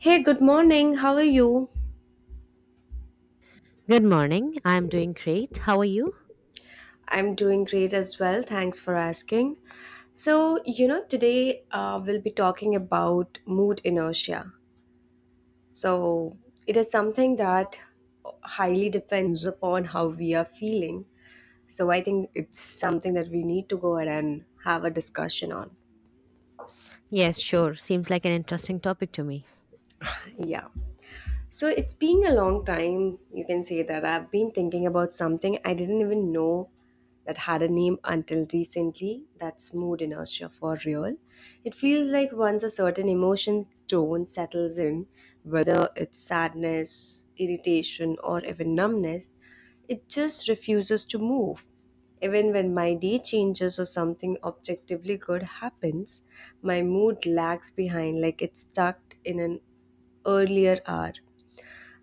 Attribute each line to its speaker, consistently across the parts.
Speaker 1: Hey, good morning. How are you?
Speaker 2: Good morning. I'm doing great. How are you?
Speaker 1: I'm doing great as well. Thanks for asking. Today we'll be talking about mood inertia. So, it is something that highly depends upon how we are feeling. So, I think it's something that we need to go ahead and have a discussion on.
Speaker 2: Yes, sure. Seems like an interesting topic to me.
Speaker 1: Yeah. So it's been a long time, you can say that I've been thinking about something I didn't even know that had a name until recently. That's mood inertia for real. It feels like once a certain emotion tone settles in, whether it's sadness, irritation, or even numbness, it just refuses to move. Even when my day changes or something objectively good happens, my mood lags behind like it's stuck in an earlier hour.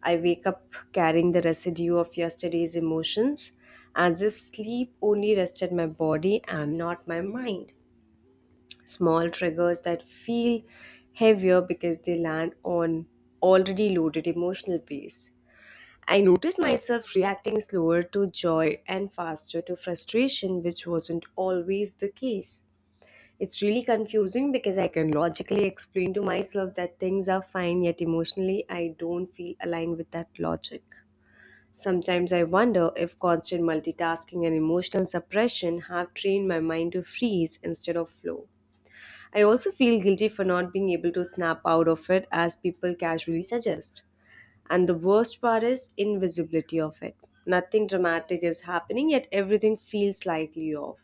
Speaker 1: I wake up carrying the residue of yesterday's emotions, as if sleep only rested my body and not my mind. Small triggers that feel heavier because they land on already loaded emotional base. I noticed myself reacting slower to joy and faster to frustration, which wasn't always the case. It's really confusing because I can logically explain to myself that things are fine, yet emotionally I don't feel aligned with that logic. Sometimes I wonder if constant multitasking and emotional suppression have trained my mind to freeze instead of flow. I also feel guilty for not being able to snap out of it as people casually suggest. And the worst part is invisibility of it. Nothing dramatic is happening, yet everything feels slightly off.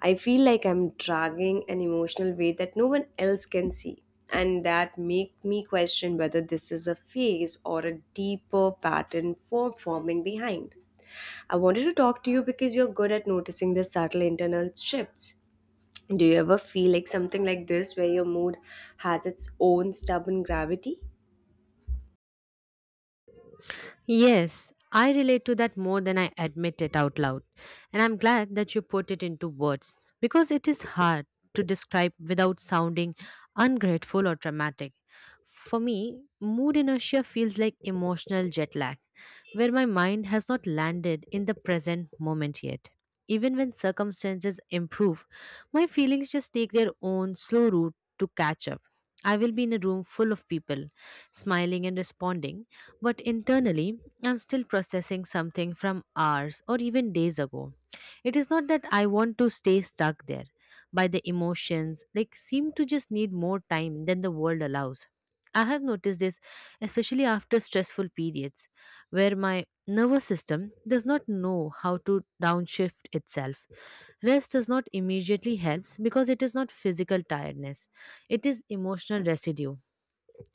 Speaker 1: I feel like I'm dragging an emotional weight that no one else can see. And that make me question whether this is a phase or a deeper pattern for forming behind. I wanted to talk to you because you're good at noticing the subtle internal shifts. Do you ever feel like something like this where your mood has its own stubborn gravity?
Speaker 2: Yes, I relate to that more than I admit it out loud. And I'm glad that you put it into words because it is hard to describe without sounding ungrateful or dramatic. For me, mood inertia feels like emotional jet lag, where my mind has not landed in the present moment yet. Even when circumstances improve, my feelings just take their own slow route to catch up. I will be in a room full of people, smiling and responding, but internally I'm still processing something from hours or even days ago. It is not that I want to stay stuck there, but the emotions like seem to just need more time than the world allows. I have noticed this especially after stressful periods where my nervous system does not know how to downshift itself. Rest does not immediately helps because it is not physical tiredness. It is emotional residue,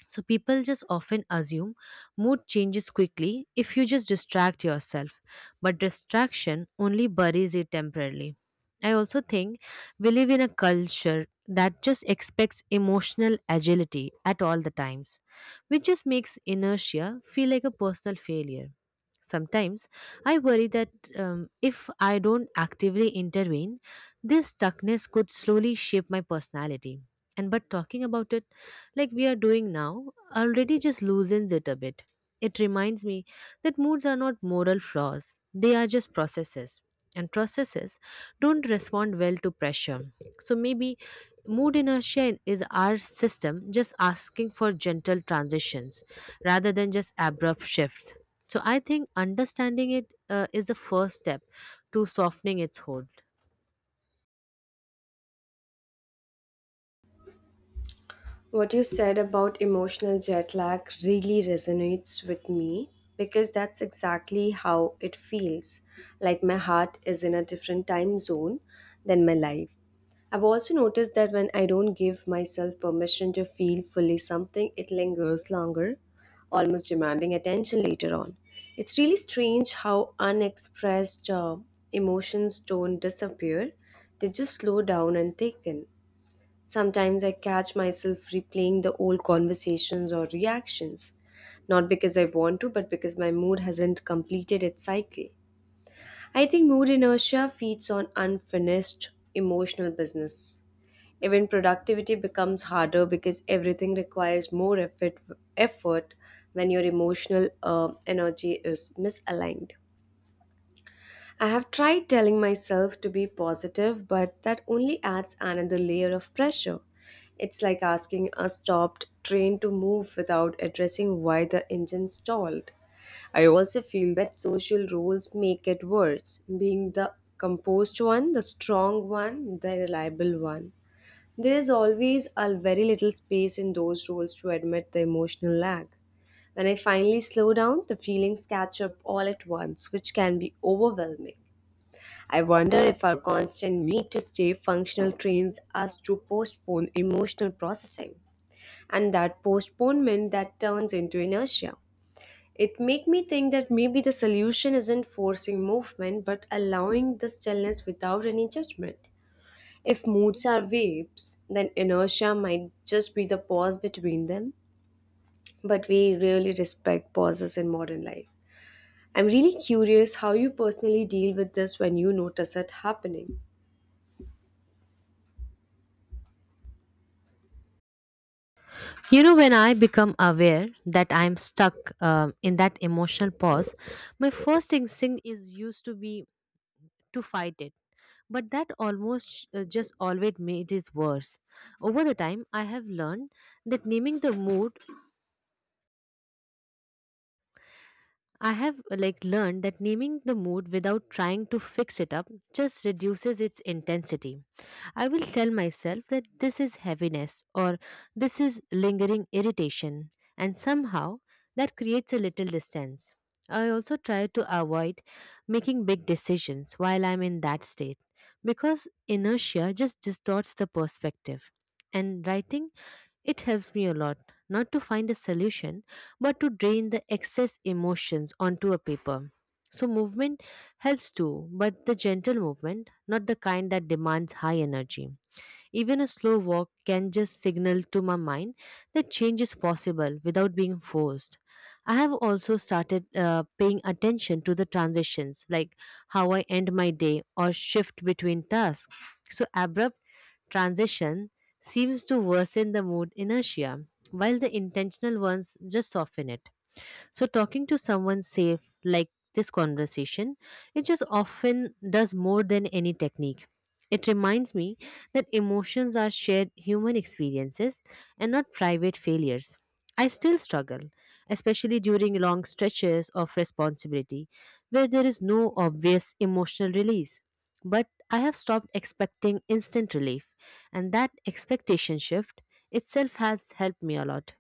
Speaker 2: so people just often assume mood changes quickly if you just distract yourself, but distraction only buries it temporarily. I also think we live in a culture that just expects emotional agility at all the times, which just makes inertia feel like a personal failure. Sometimes I worry that if I don't actively intervene, this stuckness could slowly shape my personality. And but talking about it, like we are doing now, already just loosens it a bit. It reminds me that moods are not moral flaws, they are just processes. And processes don't respond well to pressure. So maybe mood inertia is our system just asking for gentle transitions rather than just abrupt shifts. So I think understanding it is the first step to softening its hold.
Speaker 1: What you said about emotional jet lag really resonates with me because that's exactly how it feels. Like my heart is in a different time zone than my life. I've also noticed that when I don't give myself permission to feel fully something, it lingers longer, almost demanding attention later on. It's really strange how unexpressed emotions don't disappear, they just slow down and thicken. Sometimes I catch myself replaying the old conversations or reactions, not because I want to, but because my mood hasn't completed its cycle. I think mood inertia feeds on unfinished emotional business. Even productivity becomes harder because everything requires more effort, effort when your emotional energy is misaligned. I have tried telling myself to be positive, but that only adds another layer of pressure. It's like asking a stopped train to move without addressing why the engine stalled. I also feel that social roles make it worse, being the composed one, the strong one, the reliable one. There's always a very little space in those roles to admit the emotional lag. When I finally slow down, the feelings catch up all at once, which can be overwhelming. I wonder if our constant need to stay functional trains us to postpone emotional processing, and that postponement that turns into inertia. It make me think that maybe the solution isn't forcing movement but allowing the stillness without any judgment. If moods are waves, then inertia might just be the pause between them. But we really respect pauses in modern life. I'm really curious how you personally deal with this when you notice it happening.
Speaker 2: You know, when I become aware that I'm stuck in that emotional pause, my first instinct is used to be to fight it. But that almost just always made it worse. Over the time, I have learned that naming the mood I have like learned that naming the mood without trying to fix it up just reduces its intensity. I will tell myself that this is heaviness or this is lingering irritation, and somehow that creates a little distance. I also try to avoid making big decisions while I'm in that state because inertia just distorts the perspective. And writing, it helps me a lot, not to find a solution but to drain the excess emotions onto a paper. So, movement helps too, but the gentle movement, not the kind that demands high energy. Even a slow walk can just signal to my mind that change is possible without being forced. I have also started paying attention to the transitions, like how I end my day or shift between tasks. So, abrupt transition seems to worsen the mood inertia, while the intentional ones just soften it. So talking to someone safe like this conversation, it just often does more than any technique. It reminds me that emotions are shared human experiences and not private failures. I still struggle, especially during long stretches of responsibility where there is no obvious emotional release. But I have stopped expecting instant relief, and that expectation shift itself has helped me a lot.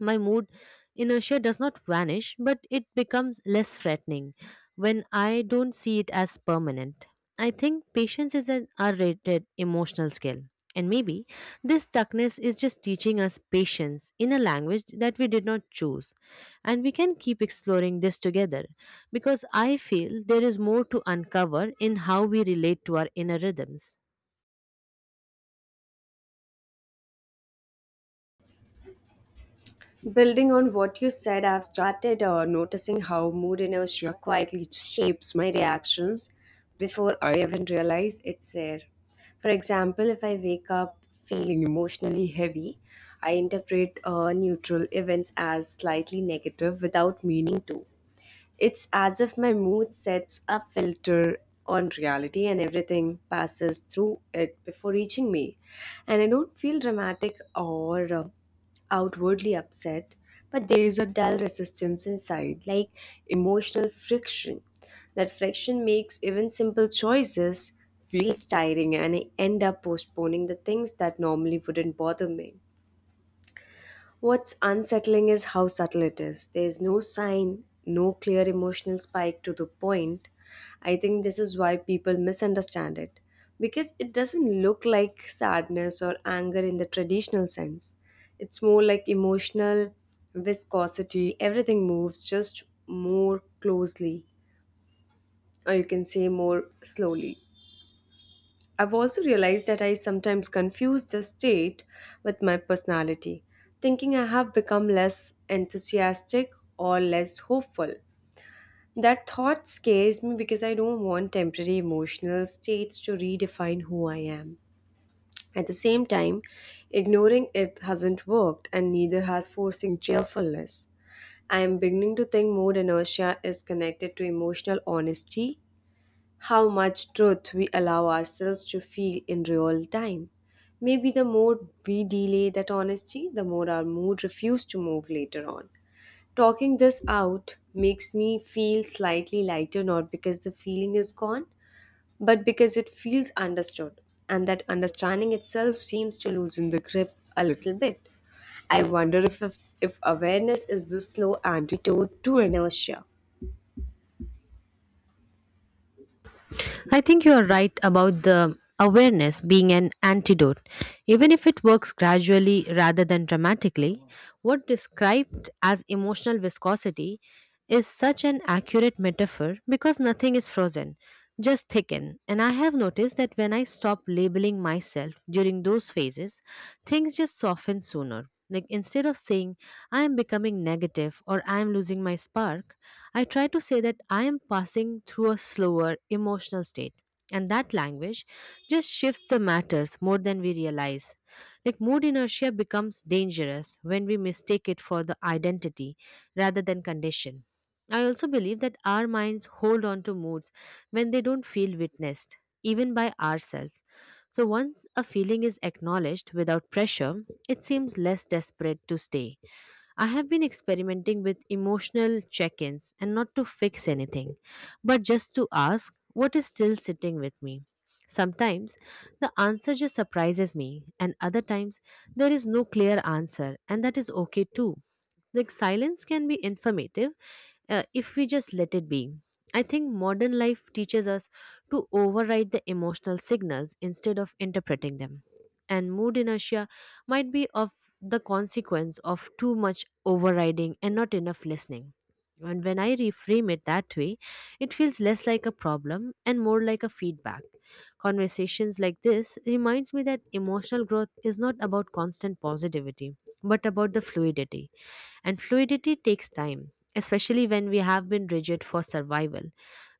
Speaker 2: My mood inertia does not vanish, but it becomes less threatening when I don't see it as permanent. I think patience is an underrated emotional skill. And maybe this stuckness is just teaching us patience in a language that we did not choose. And we can keep exploring this together because I feel there is more to uncover in how we relate to our inner rhythms.
Speaker 1: Building on what you said, I've started noticing how mood inertia quietly shapes my reactions before I even realize it's there. For example, if I wake up feeling emotionally heavy, I interpret neutral events as slightly negative without meaning to. It's as if my mood sets a filter on reality and everything passes through it before reaching me. And I don't feel dramatic or outwardly upset, but there is a dull resistance inside, like emotional friction. That friction makes even simple choices feel tiring and I end up postponing the things that normally wouldn't bother me. What's unsettling is how subtle it is. There's no sign, no clear emotional spike to the point. I think this is why people misunderstand it because it doesn't look like sadness or anger in the traditional sense. It's more like emotional viscosity. Everything moves just more closely, or you can say more slowly. I've also realized that I sometimes confuse the state with my personality, thinking I have become less enthusiastic or less hopeful. That thought scares me because I don't want temporary emotional states to redefine who I am. At the same time, ignoring it hasn't worked, and neither has forcing cheerfulness. I am beginning to think more inertia is connected to emotional honesty how much truth we allow ourselves to feel in real time. Maybe the more we delay that honesty, the more our mood refuses to move later on. Talking this out makes me feel slightly lighter, not because the feeling is gone, but because it feels understood, and that understanding itself seems to loosen the grip a little bit. I wonder if awareness is the slow antidote to inertia.
Speaker 2: I think you are right about the awareness being an antidote. Even if it works gradually rather than dramatically, what described as emotional viscosity is such an accurate metaphor because nothing is frozen, just thickened. And I have noticed that when I stop labeling myself during those phases, things just soften sooner. Like instead of saying, I am becoming negative or I am losing my spark, I try to say that I am passing through a slower emotional state. And that language just shifts the matters more than we realize. Like mood inertia becomes dangerous when we mistake it for the identity rather than condition. I also believe that our minds hold on to moods when they don't feel witnessed, even by ourselves. So once a feeling is acknowledged without pressure, it seems less desperate to stay. I have been experimenting with emotional check ins, and not to fix anything, but just to ask what is still sitting with me. Sometimes the answer just surprises me, and other times there is no clear answer, and that is okay too. Like silence can be informative if we just let it be. I think modern life teaches us to override the emotional signals instead of interpreting them. And mood inertia might be of the consequence of too much overriding and not enough listening. And when I reframe it that way, it feels less like a problem and more like a feedback. Conversations like this reminds me that emotional growth is not about constant positivity, but about the fluidity. And fluidity takes time, especially when we have been rigid for survival.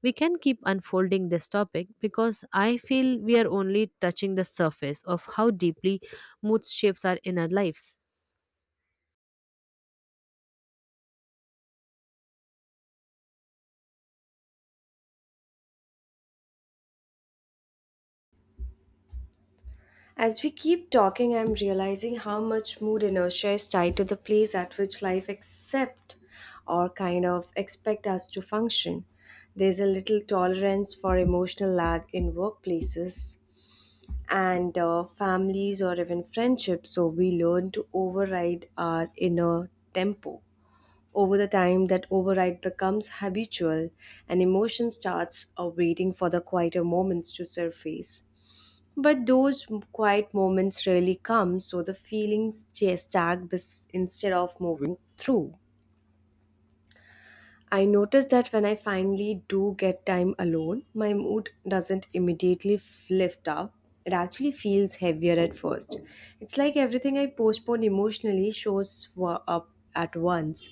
Speaker 2: We can keep unfolding this topic because I feel we are only touching the surface of how deeply mood shapes our inner lives.
Speaker 1: As we keep talking, I'm realizing how much mood inertia is tied to the place at which life accept or kind of expect us to function. There's a little tolerance for emotional lag in workplaces and families or even friendships, so we learn to override our inner tempo. Over the time, that override becomes habitual and emotion starts waiting for the quieter moments to surface. But those quiet moments rarely come, so the feelings just stack instead of moving through. I notice that when I finally do get time alone, my mood doesn't immediately lift up. It actually feels heavier at first. It's like everything I postpone emotionally shows up at once,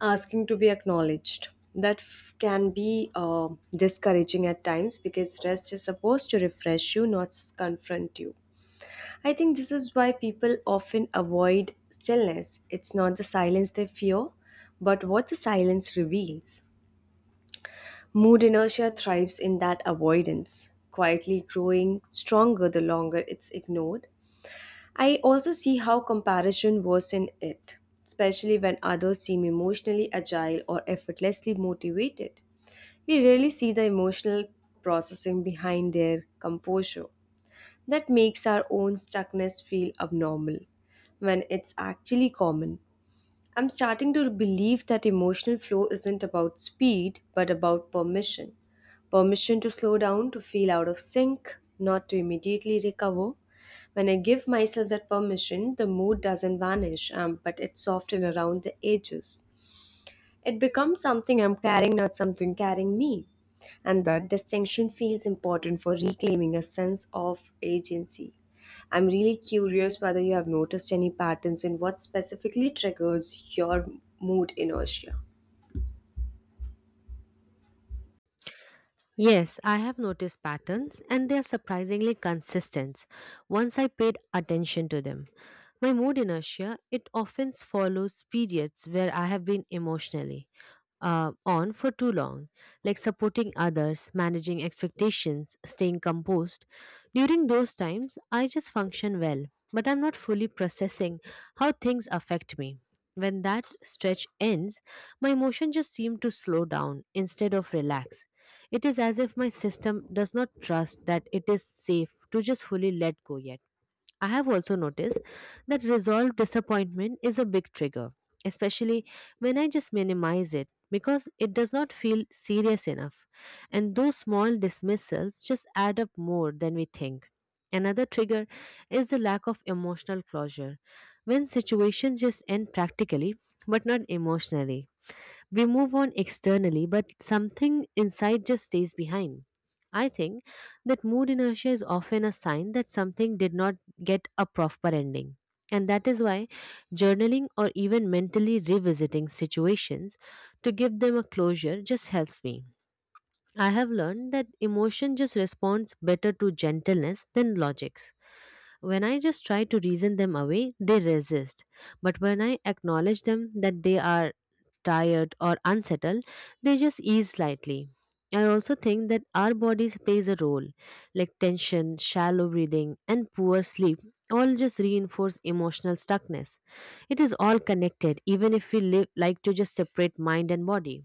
Speaker 1: asking to be acknowledged. That can be discouraging at times because rest is supposed to refresh you, not confront you. I think this is why people often avoid stillness. It's not the silence they fear, but what the silence reveals. Mood inertia thrives in that avoidance, quietly growing stronger the longer it's ignored. I also see how comparison worsens it, especially when others seem emotionally agile or effortlessly motivated. We rarely see the emotional processing behind their composure that makes our own stuckness feel abnormal when it's actually common. I'm starting to believe that emotional flow isn't about speed but about permission. Permission to slow down, to feel out of sync, not to immediately recover. When I give myself that permission, the mood doesn't vanish, but it's softened around the edges. It becomes something I'm carrying, not something carrying me. And that distinction feels important for reclaiming a sense of agency. I'm really curious whether you have noticed any patterns in what specifically triggers your mood inertia.
Speaker 2: Yes, I have noticed patterns and they are surprisingly consistent once I paid attention to them. My mood inertia, it often follows periods where I have been emotionally on for too long, like supporting others, managing expectations, staying composed. During those times, I just function well, but I'm not fully processing how things affect me. When that stretch ends, my emotion just seem to slow down instead of relax. It is as if my system does not trust that it is safe to just fully let go yet. I have also noticed that resolved disappointment is a big trigger, especially when I just minimize it because it does not feel serious enough. And those small dismissals just add up more than we think. Another trigger is the lack of emotional closure. When situations just end practically but not emotionally, we move on externally, but something inside just stays behind. I think that mood inertia is often a sign that something did not get a proper ending. And that is why journaling or even mentally revisiting situations to give them a closure just helps me. I have learned that emotion just responds better to gentleness than logics. When I just try to reason them away, they resist. But when I acknowledge them that they are tired or unsettled, they just ease slightly. I also think that our bodies plays a role, like tension, shallow breathing, and poor sleep all just reinforce emotional stuckness. It is all connected, even if we live like to just separate mind and body.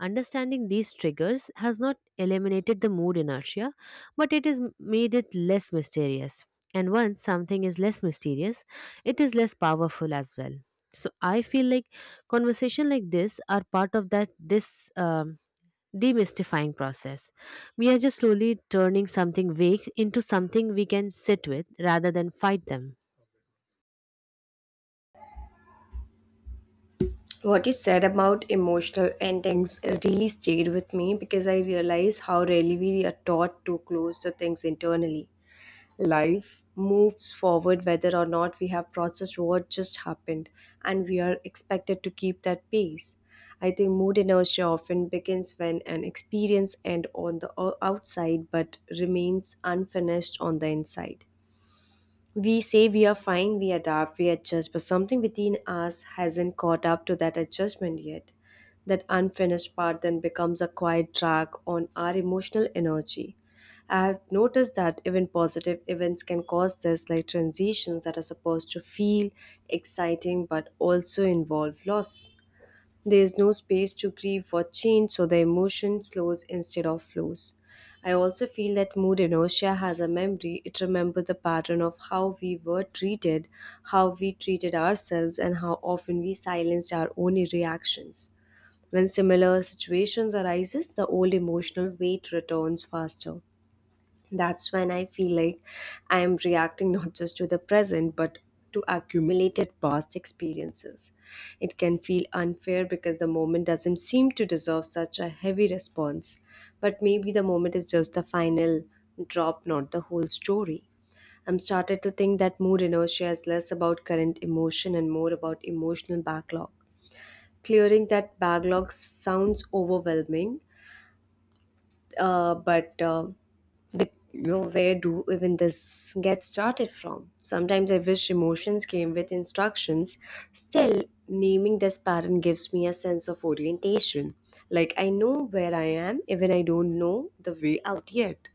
Speaker 2: Understanding these triggers has not eliminated the mood inertia, but it has made it less mysterious. And once something is less mysterious, it is less powerful as well. So I feel like conversation like this are part of that demystifying process. We are just slowly turning something vague into something we can sit with rather than fight them.
Speaker 1: What you said about emotional endings really stayed with me because I realize how rarely we are taught to close the things internally. Life moves forward whether or not we have processed what just happened and we are expected to keep that pace. I think mood inertia often begins when an experience ends on the outside but remains unfinished on the inside. We say we are fine, we adapt, we adjust, but something within us hasn't caught up to that adjustment yet. That unfinished part then becomes a quiet drag on our emotional energy. I have noticed that even positive events can cause this, like transitions that are supposed to feel exciting but also involve loss. There is no space to grieve for change, so the emotion slows instead of flows. I also feel that mood inertia has a memory. It remembers the pattern of how we were treated, how we treated ourselves, and how often we silenced our own reactions. When similar situations arises, the old emotional weight returns faster that's when I feel like I am reacting not just to the present but to accumulated past experiences. It can feel unfair because the moment doesn't seem to deserve such a heavy response, but maybe the moment is just the final drop, not the whole story. I'm started to think that mood inertia is less about current emotion and more about emotional backlog. Clearing that backlog sounds overwhelming, but you know where do even this get started from. Sometimes I wish emotions came with instructions. Still, naming this pattern gives me a sense of orientation, like I know where I am even I don't know the way out yet.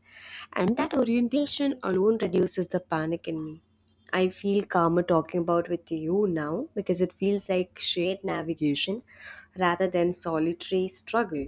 Speaker 1: And that orientation alone reduces the panic in me. I feel calmer talking about with you now because it feels like shared navigation rather than solitary struggle.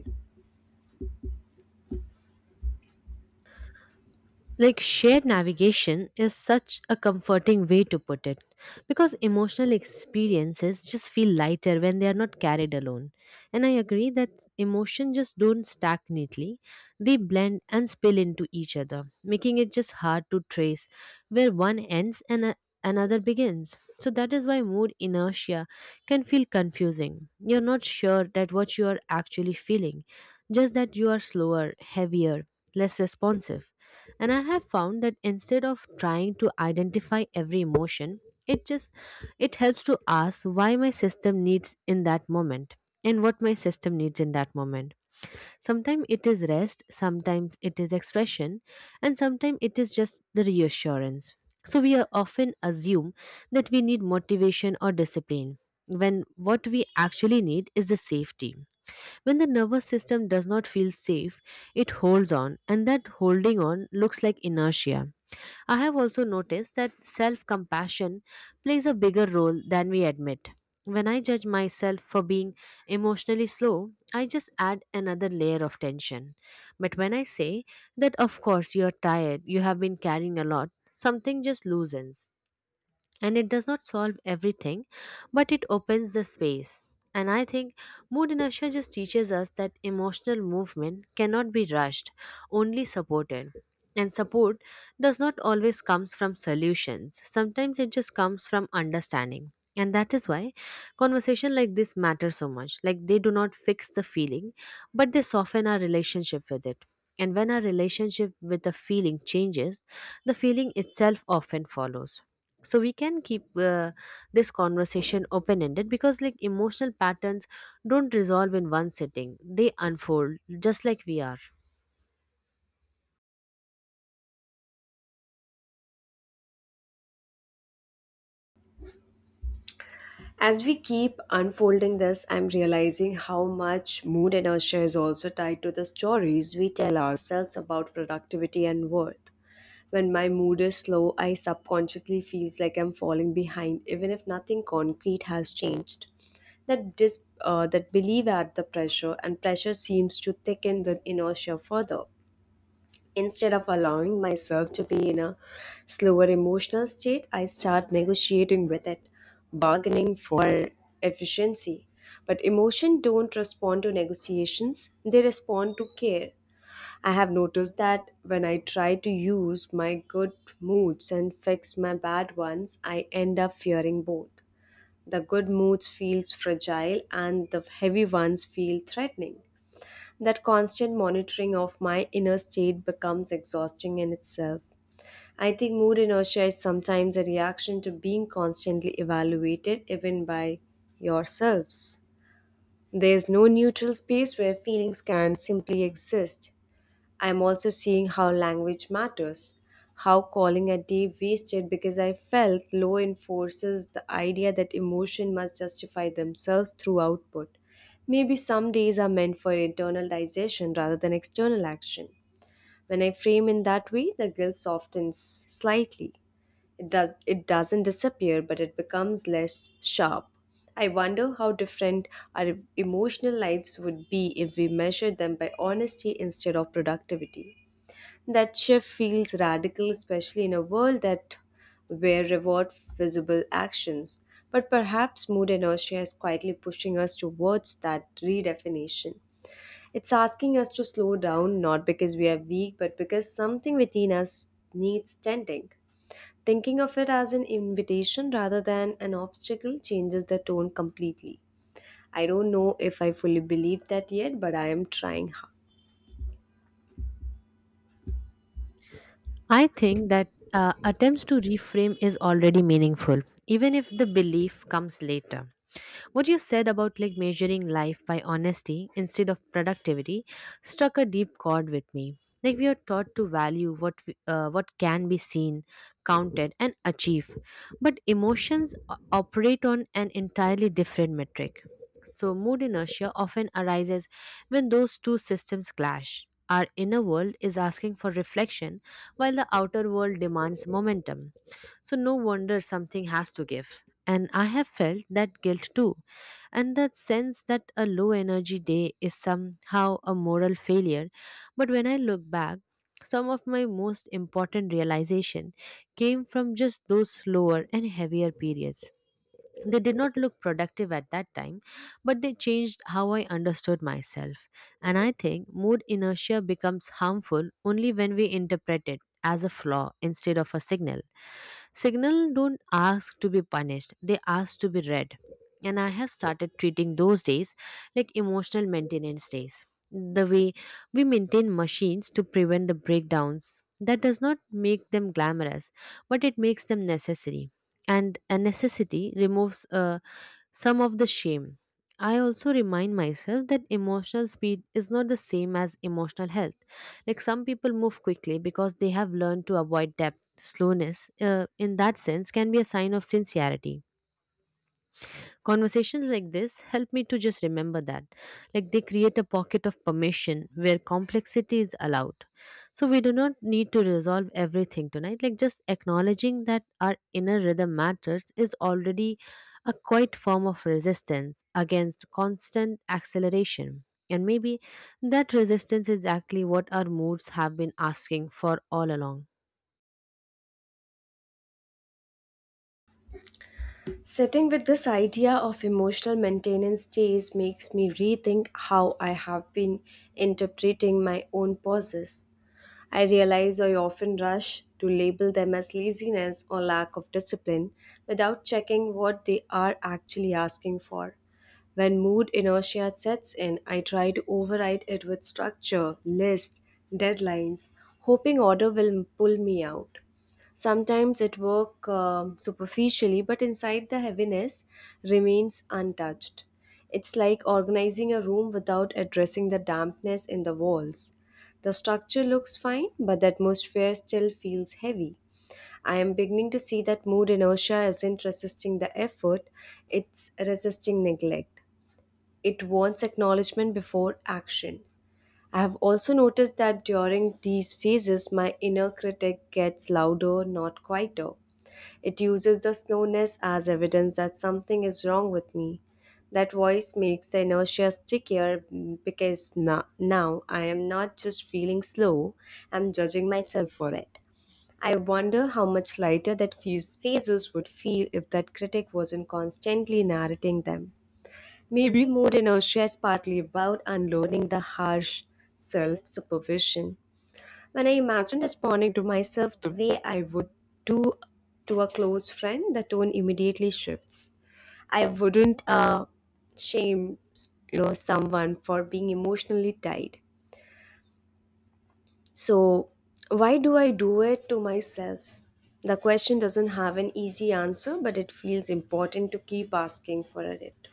Speaker 2: Like shared navigation is such a comforting way to put it because emotional experiences just feel lighter when they are not carried alone. And I agree that emotion just don't stack neatly, they blend and spill into each other, making it just hard to trace where one ends and another begins. So that is why mood inertia can feel confusing. You're not sure that what you are actually feeling, just that you are slower, heavier, less responsive. And I have found that instead of trying to identify every emotion, it just it helps to ask why my system needs in that moment and what my system needs in that moment. Sometimes it is rest, sometimes it is expression, and sometimes it is just the reassurance. So we are often assume that we need motivation or discipline when what we actually need is the safety. When the nervous system does not feel safe, it holds on, and that holding on looks like inertia. I have also noticed that self compassion plays a bigger role than we admit. When I judge myself for being emotionally slow, I just add another layer of tension. But when I say that, of course, you're tired, you have been carrying a lot, something just loosens, and it does not solve everything, but it opens the space. And I think mood inertia just teaches us that emotional movement cannot be rushed, only supported. And support does not always comes from solutions, sometimes it just comes from understanding. And that is why conversation like this matter so much. Like they do not fix the feeling, but they soften our relationship with it, and when our relationship with the feeling changes, the feeling itself often follows. So we can keep this conversation open ended, because like emotional patterns don't resolve in one sitting, they unfold just like we are.
Speaker 1: As we keep unfolding this, I'm realizing how much mood and inertia is also tied to the stories we tell ourselves about productivity and worth. When my mood is slow, I subconsciously feels like I'm falling behind, even if nothing concrete has changed. That believe at the pressure, and pressure seems to thicken the inertia further. Instead of allowing myself to be in a slower emotional state, I start negotiating with it, bargaining for efficiency. But emotion don't respond to negotiations, they respond to care. I have noticed that when I try to use my good moods and fix my bad ones, I end up fearing both. The good moods feels fragile and the heavy ones feel threatening. That constant monitoring of my inner state becomes exhausting in itself. I think mood inertia is sometimes a reaction to being constantly evaluated, even by yourselves. There is no neutral space where feelings can simply exist. I'm also seeing how language matters, how calling a day wasted because I felt law enforces the idea that emotion must justify themselves through output. Maybe some days are meant for internal digestion rather than external action. When I frame in that way, the guilt softens slightly. It doesn't disappear, but it becomes less sharp. I wonder how different our emotional lives would be if we measured them by honesty instead of productivity. That shift feels radical, especially in a world that where reward visible actions. But perhaps mood inertia is quietly pushing us towards that redefinition. It's asking us to slow down, not because we are weak, but because something within us needs tending. Thinking of it as an invitation rather than an obstacle changes the tone completely. I don't know if I fully believe that yet, but I am trying hard.
Speaker 2: I think that attempts to reframe is already meaningful, even if the belief comes later. What you said about like measuring life by honesty instead of productivity struck a deep chord with me. Like we are taught to value what we, what can be seen, counted, and achieved, but emotions operate on an entirely different metric. So mood inertia often arises when those two systems clash. Our inner world is asking for reflection, while the outer world demands momentum. So no wonder something has to give. And I have felt that guilt too, and that sense that a low energy day is somehow a moral failure. But when I look back, some of my most important realization came from just those slower and heavier periods. They did not look productive at that time, but they changed how I understood myself. And I think mood inertia becomes harmful only when we interpret it as a flaw instead of a signal. Signal don't ask to be punished, they ask to be read. And I have started treating those days like emotional maintenance days. The way we maintain machines to prevent the breakdowns. That does not make them glamorous, but it makes them necessary, and a necessity removes some of the shame. I also remind myself that emotional speed is not the same as emotional health. Like some people move quickly because they have learned to avoid depth. Slowness, in that sense, can be a sign of sincerity. Conversations like this help me to just remember that. Like they create a pocket of permission where complexity is allowed. So we do not need to resolve everything tonight. Like just acknowledging that our inner rhythm matters is already a quiet form of resistance against constant acceleration. And maybe that resistance is exactly what our moods have been asking for all along.
Speaker 1: Sitting with this idea of emotional maintenance days makes me rethink how I have been interpreting my own pauses. I realize I often rush to label them as laziness or lack of discipline without checking what they are actually asking for. When mood inertia sets in, I try to override it with structure, list, deadlines, hoping order will pull me out. Sometimes it work superficially, but inside the heaviness remains untouched. It's like organizing a room without addressing the dampness in the walls. The structure looks fine, but the atmosphere still feels heavy. I am beginning to see that mood inertia isn't resisting the effort, it's resisting neglect. It wants acknowledgement before action. I have also noticed that during these phases, my inner critic gets louder, not quieter. It uses the slowness as evidence that something is wrong with me. That voice makes the inertia stickier because now I am not just feeling slow, I'm judging myself for it. I wonder how much lighter that few phases would feel if that critic wasn't constantly narrating them. Maybe mood inertia is partly about unloading the harsh self supervision. When I imagine responding to myself the way I would do to a close friend, the tone immediately shifts. I wouldn't shame someone for being emotionally tied. So why do I do it to myself? The question doesn't have an easy answer, but it feels important to keep asking for it.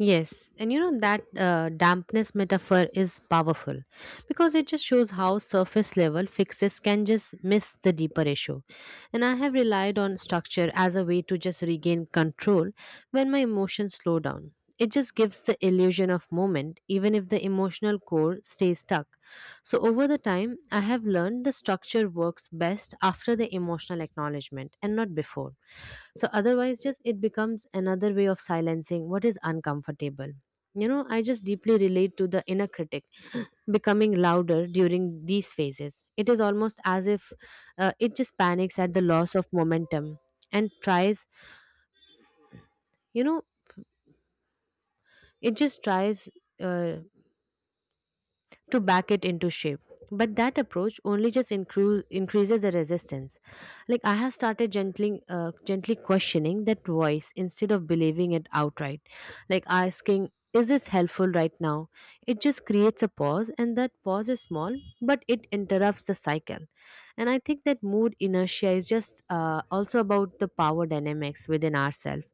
Speaker 2: Yes, and you know that dampness metaphor is powerful because it just shows how surface level fixes can just miss the deeper issue. And I have relied on structure as a way to just regain control when my emotions slow down. It just gives the illusion of moment, even if the emotional core stays stuck. So, over the time, I have learned the structure works best after the emotional acknowledgement and not before, so otherwise just it becomes another way of silencing what is uncomfortable. You know, I just deeply relate to the inner critic becoming louder during these phases. It is almost as if it just panics at the loss of momentum and tries, you know it just tries uh, to back it into shape. But that approach only just increases the resistance. Like I have started gently, gently questioning that voice instead of believing it outright. Like asking, "Is this helpful right now?" It just creates a pause, and that pause is small, but it interrupts the cycle. And I think that mood inertia is just also about the power dynamics within ourselves,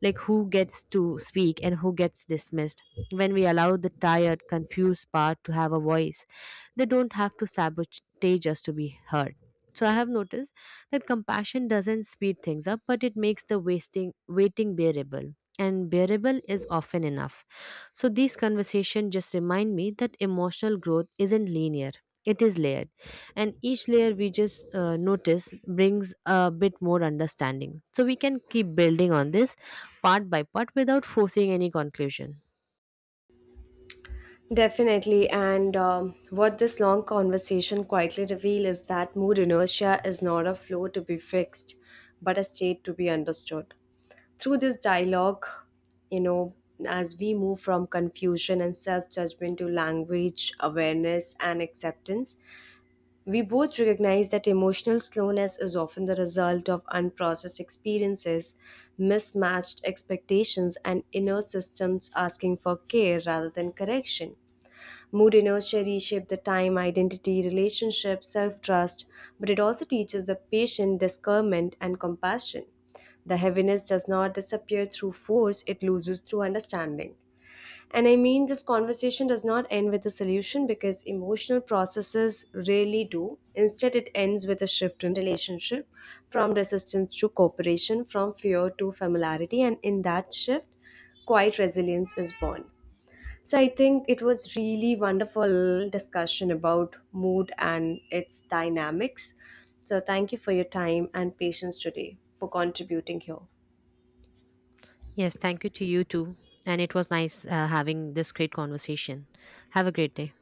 Speaker 2: like who gets to speak and who gets dismissed. When we allow the tired confused part to have a voice, they don't have to sabotage us to be heard. So I have noticed that compassion doesn't speed things up, but it makes the wasting waiting bearable, and bearable is often enough. So these conversations just remind me that emotional growth isn't linear. It is layered, and each layer we just notice brings a bit more understanding. So we can keep building on this part by part without forcing any conclusion.
Speaker 1: Definitely. And what this long conversation quietly reveals is that mood inertia is not a flow to be fixed, but a state to be understood. Through this dialogue, you know, as we move from confusion and self judgment to language, awareness, and acceptance, we both recognize that emotional slowness is often the result of unprocessed experiences, mismatched expectations, and inner systems asking for care rather than correction. Mood inertia reshape the time, identity, relationship, self-trust, but it also teaches the patient discernment and compassion. The heaviness does not disappear through force, it loses through understanding. And I mean, this conversation does not end with a solution because emotional processes rarely do. Instead, it ends with a shift in relationship from resistance to cooperation, from fear to familiarity. And in that shift, quiet resilience is born. So I think it was really wonderful discussion about mood and its dynamics. So thank you for your time and patience today for contributing here.
Speaker 2: Yes, thank you to you too. And it was nice having this great conversation. Have a great day.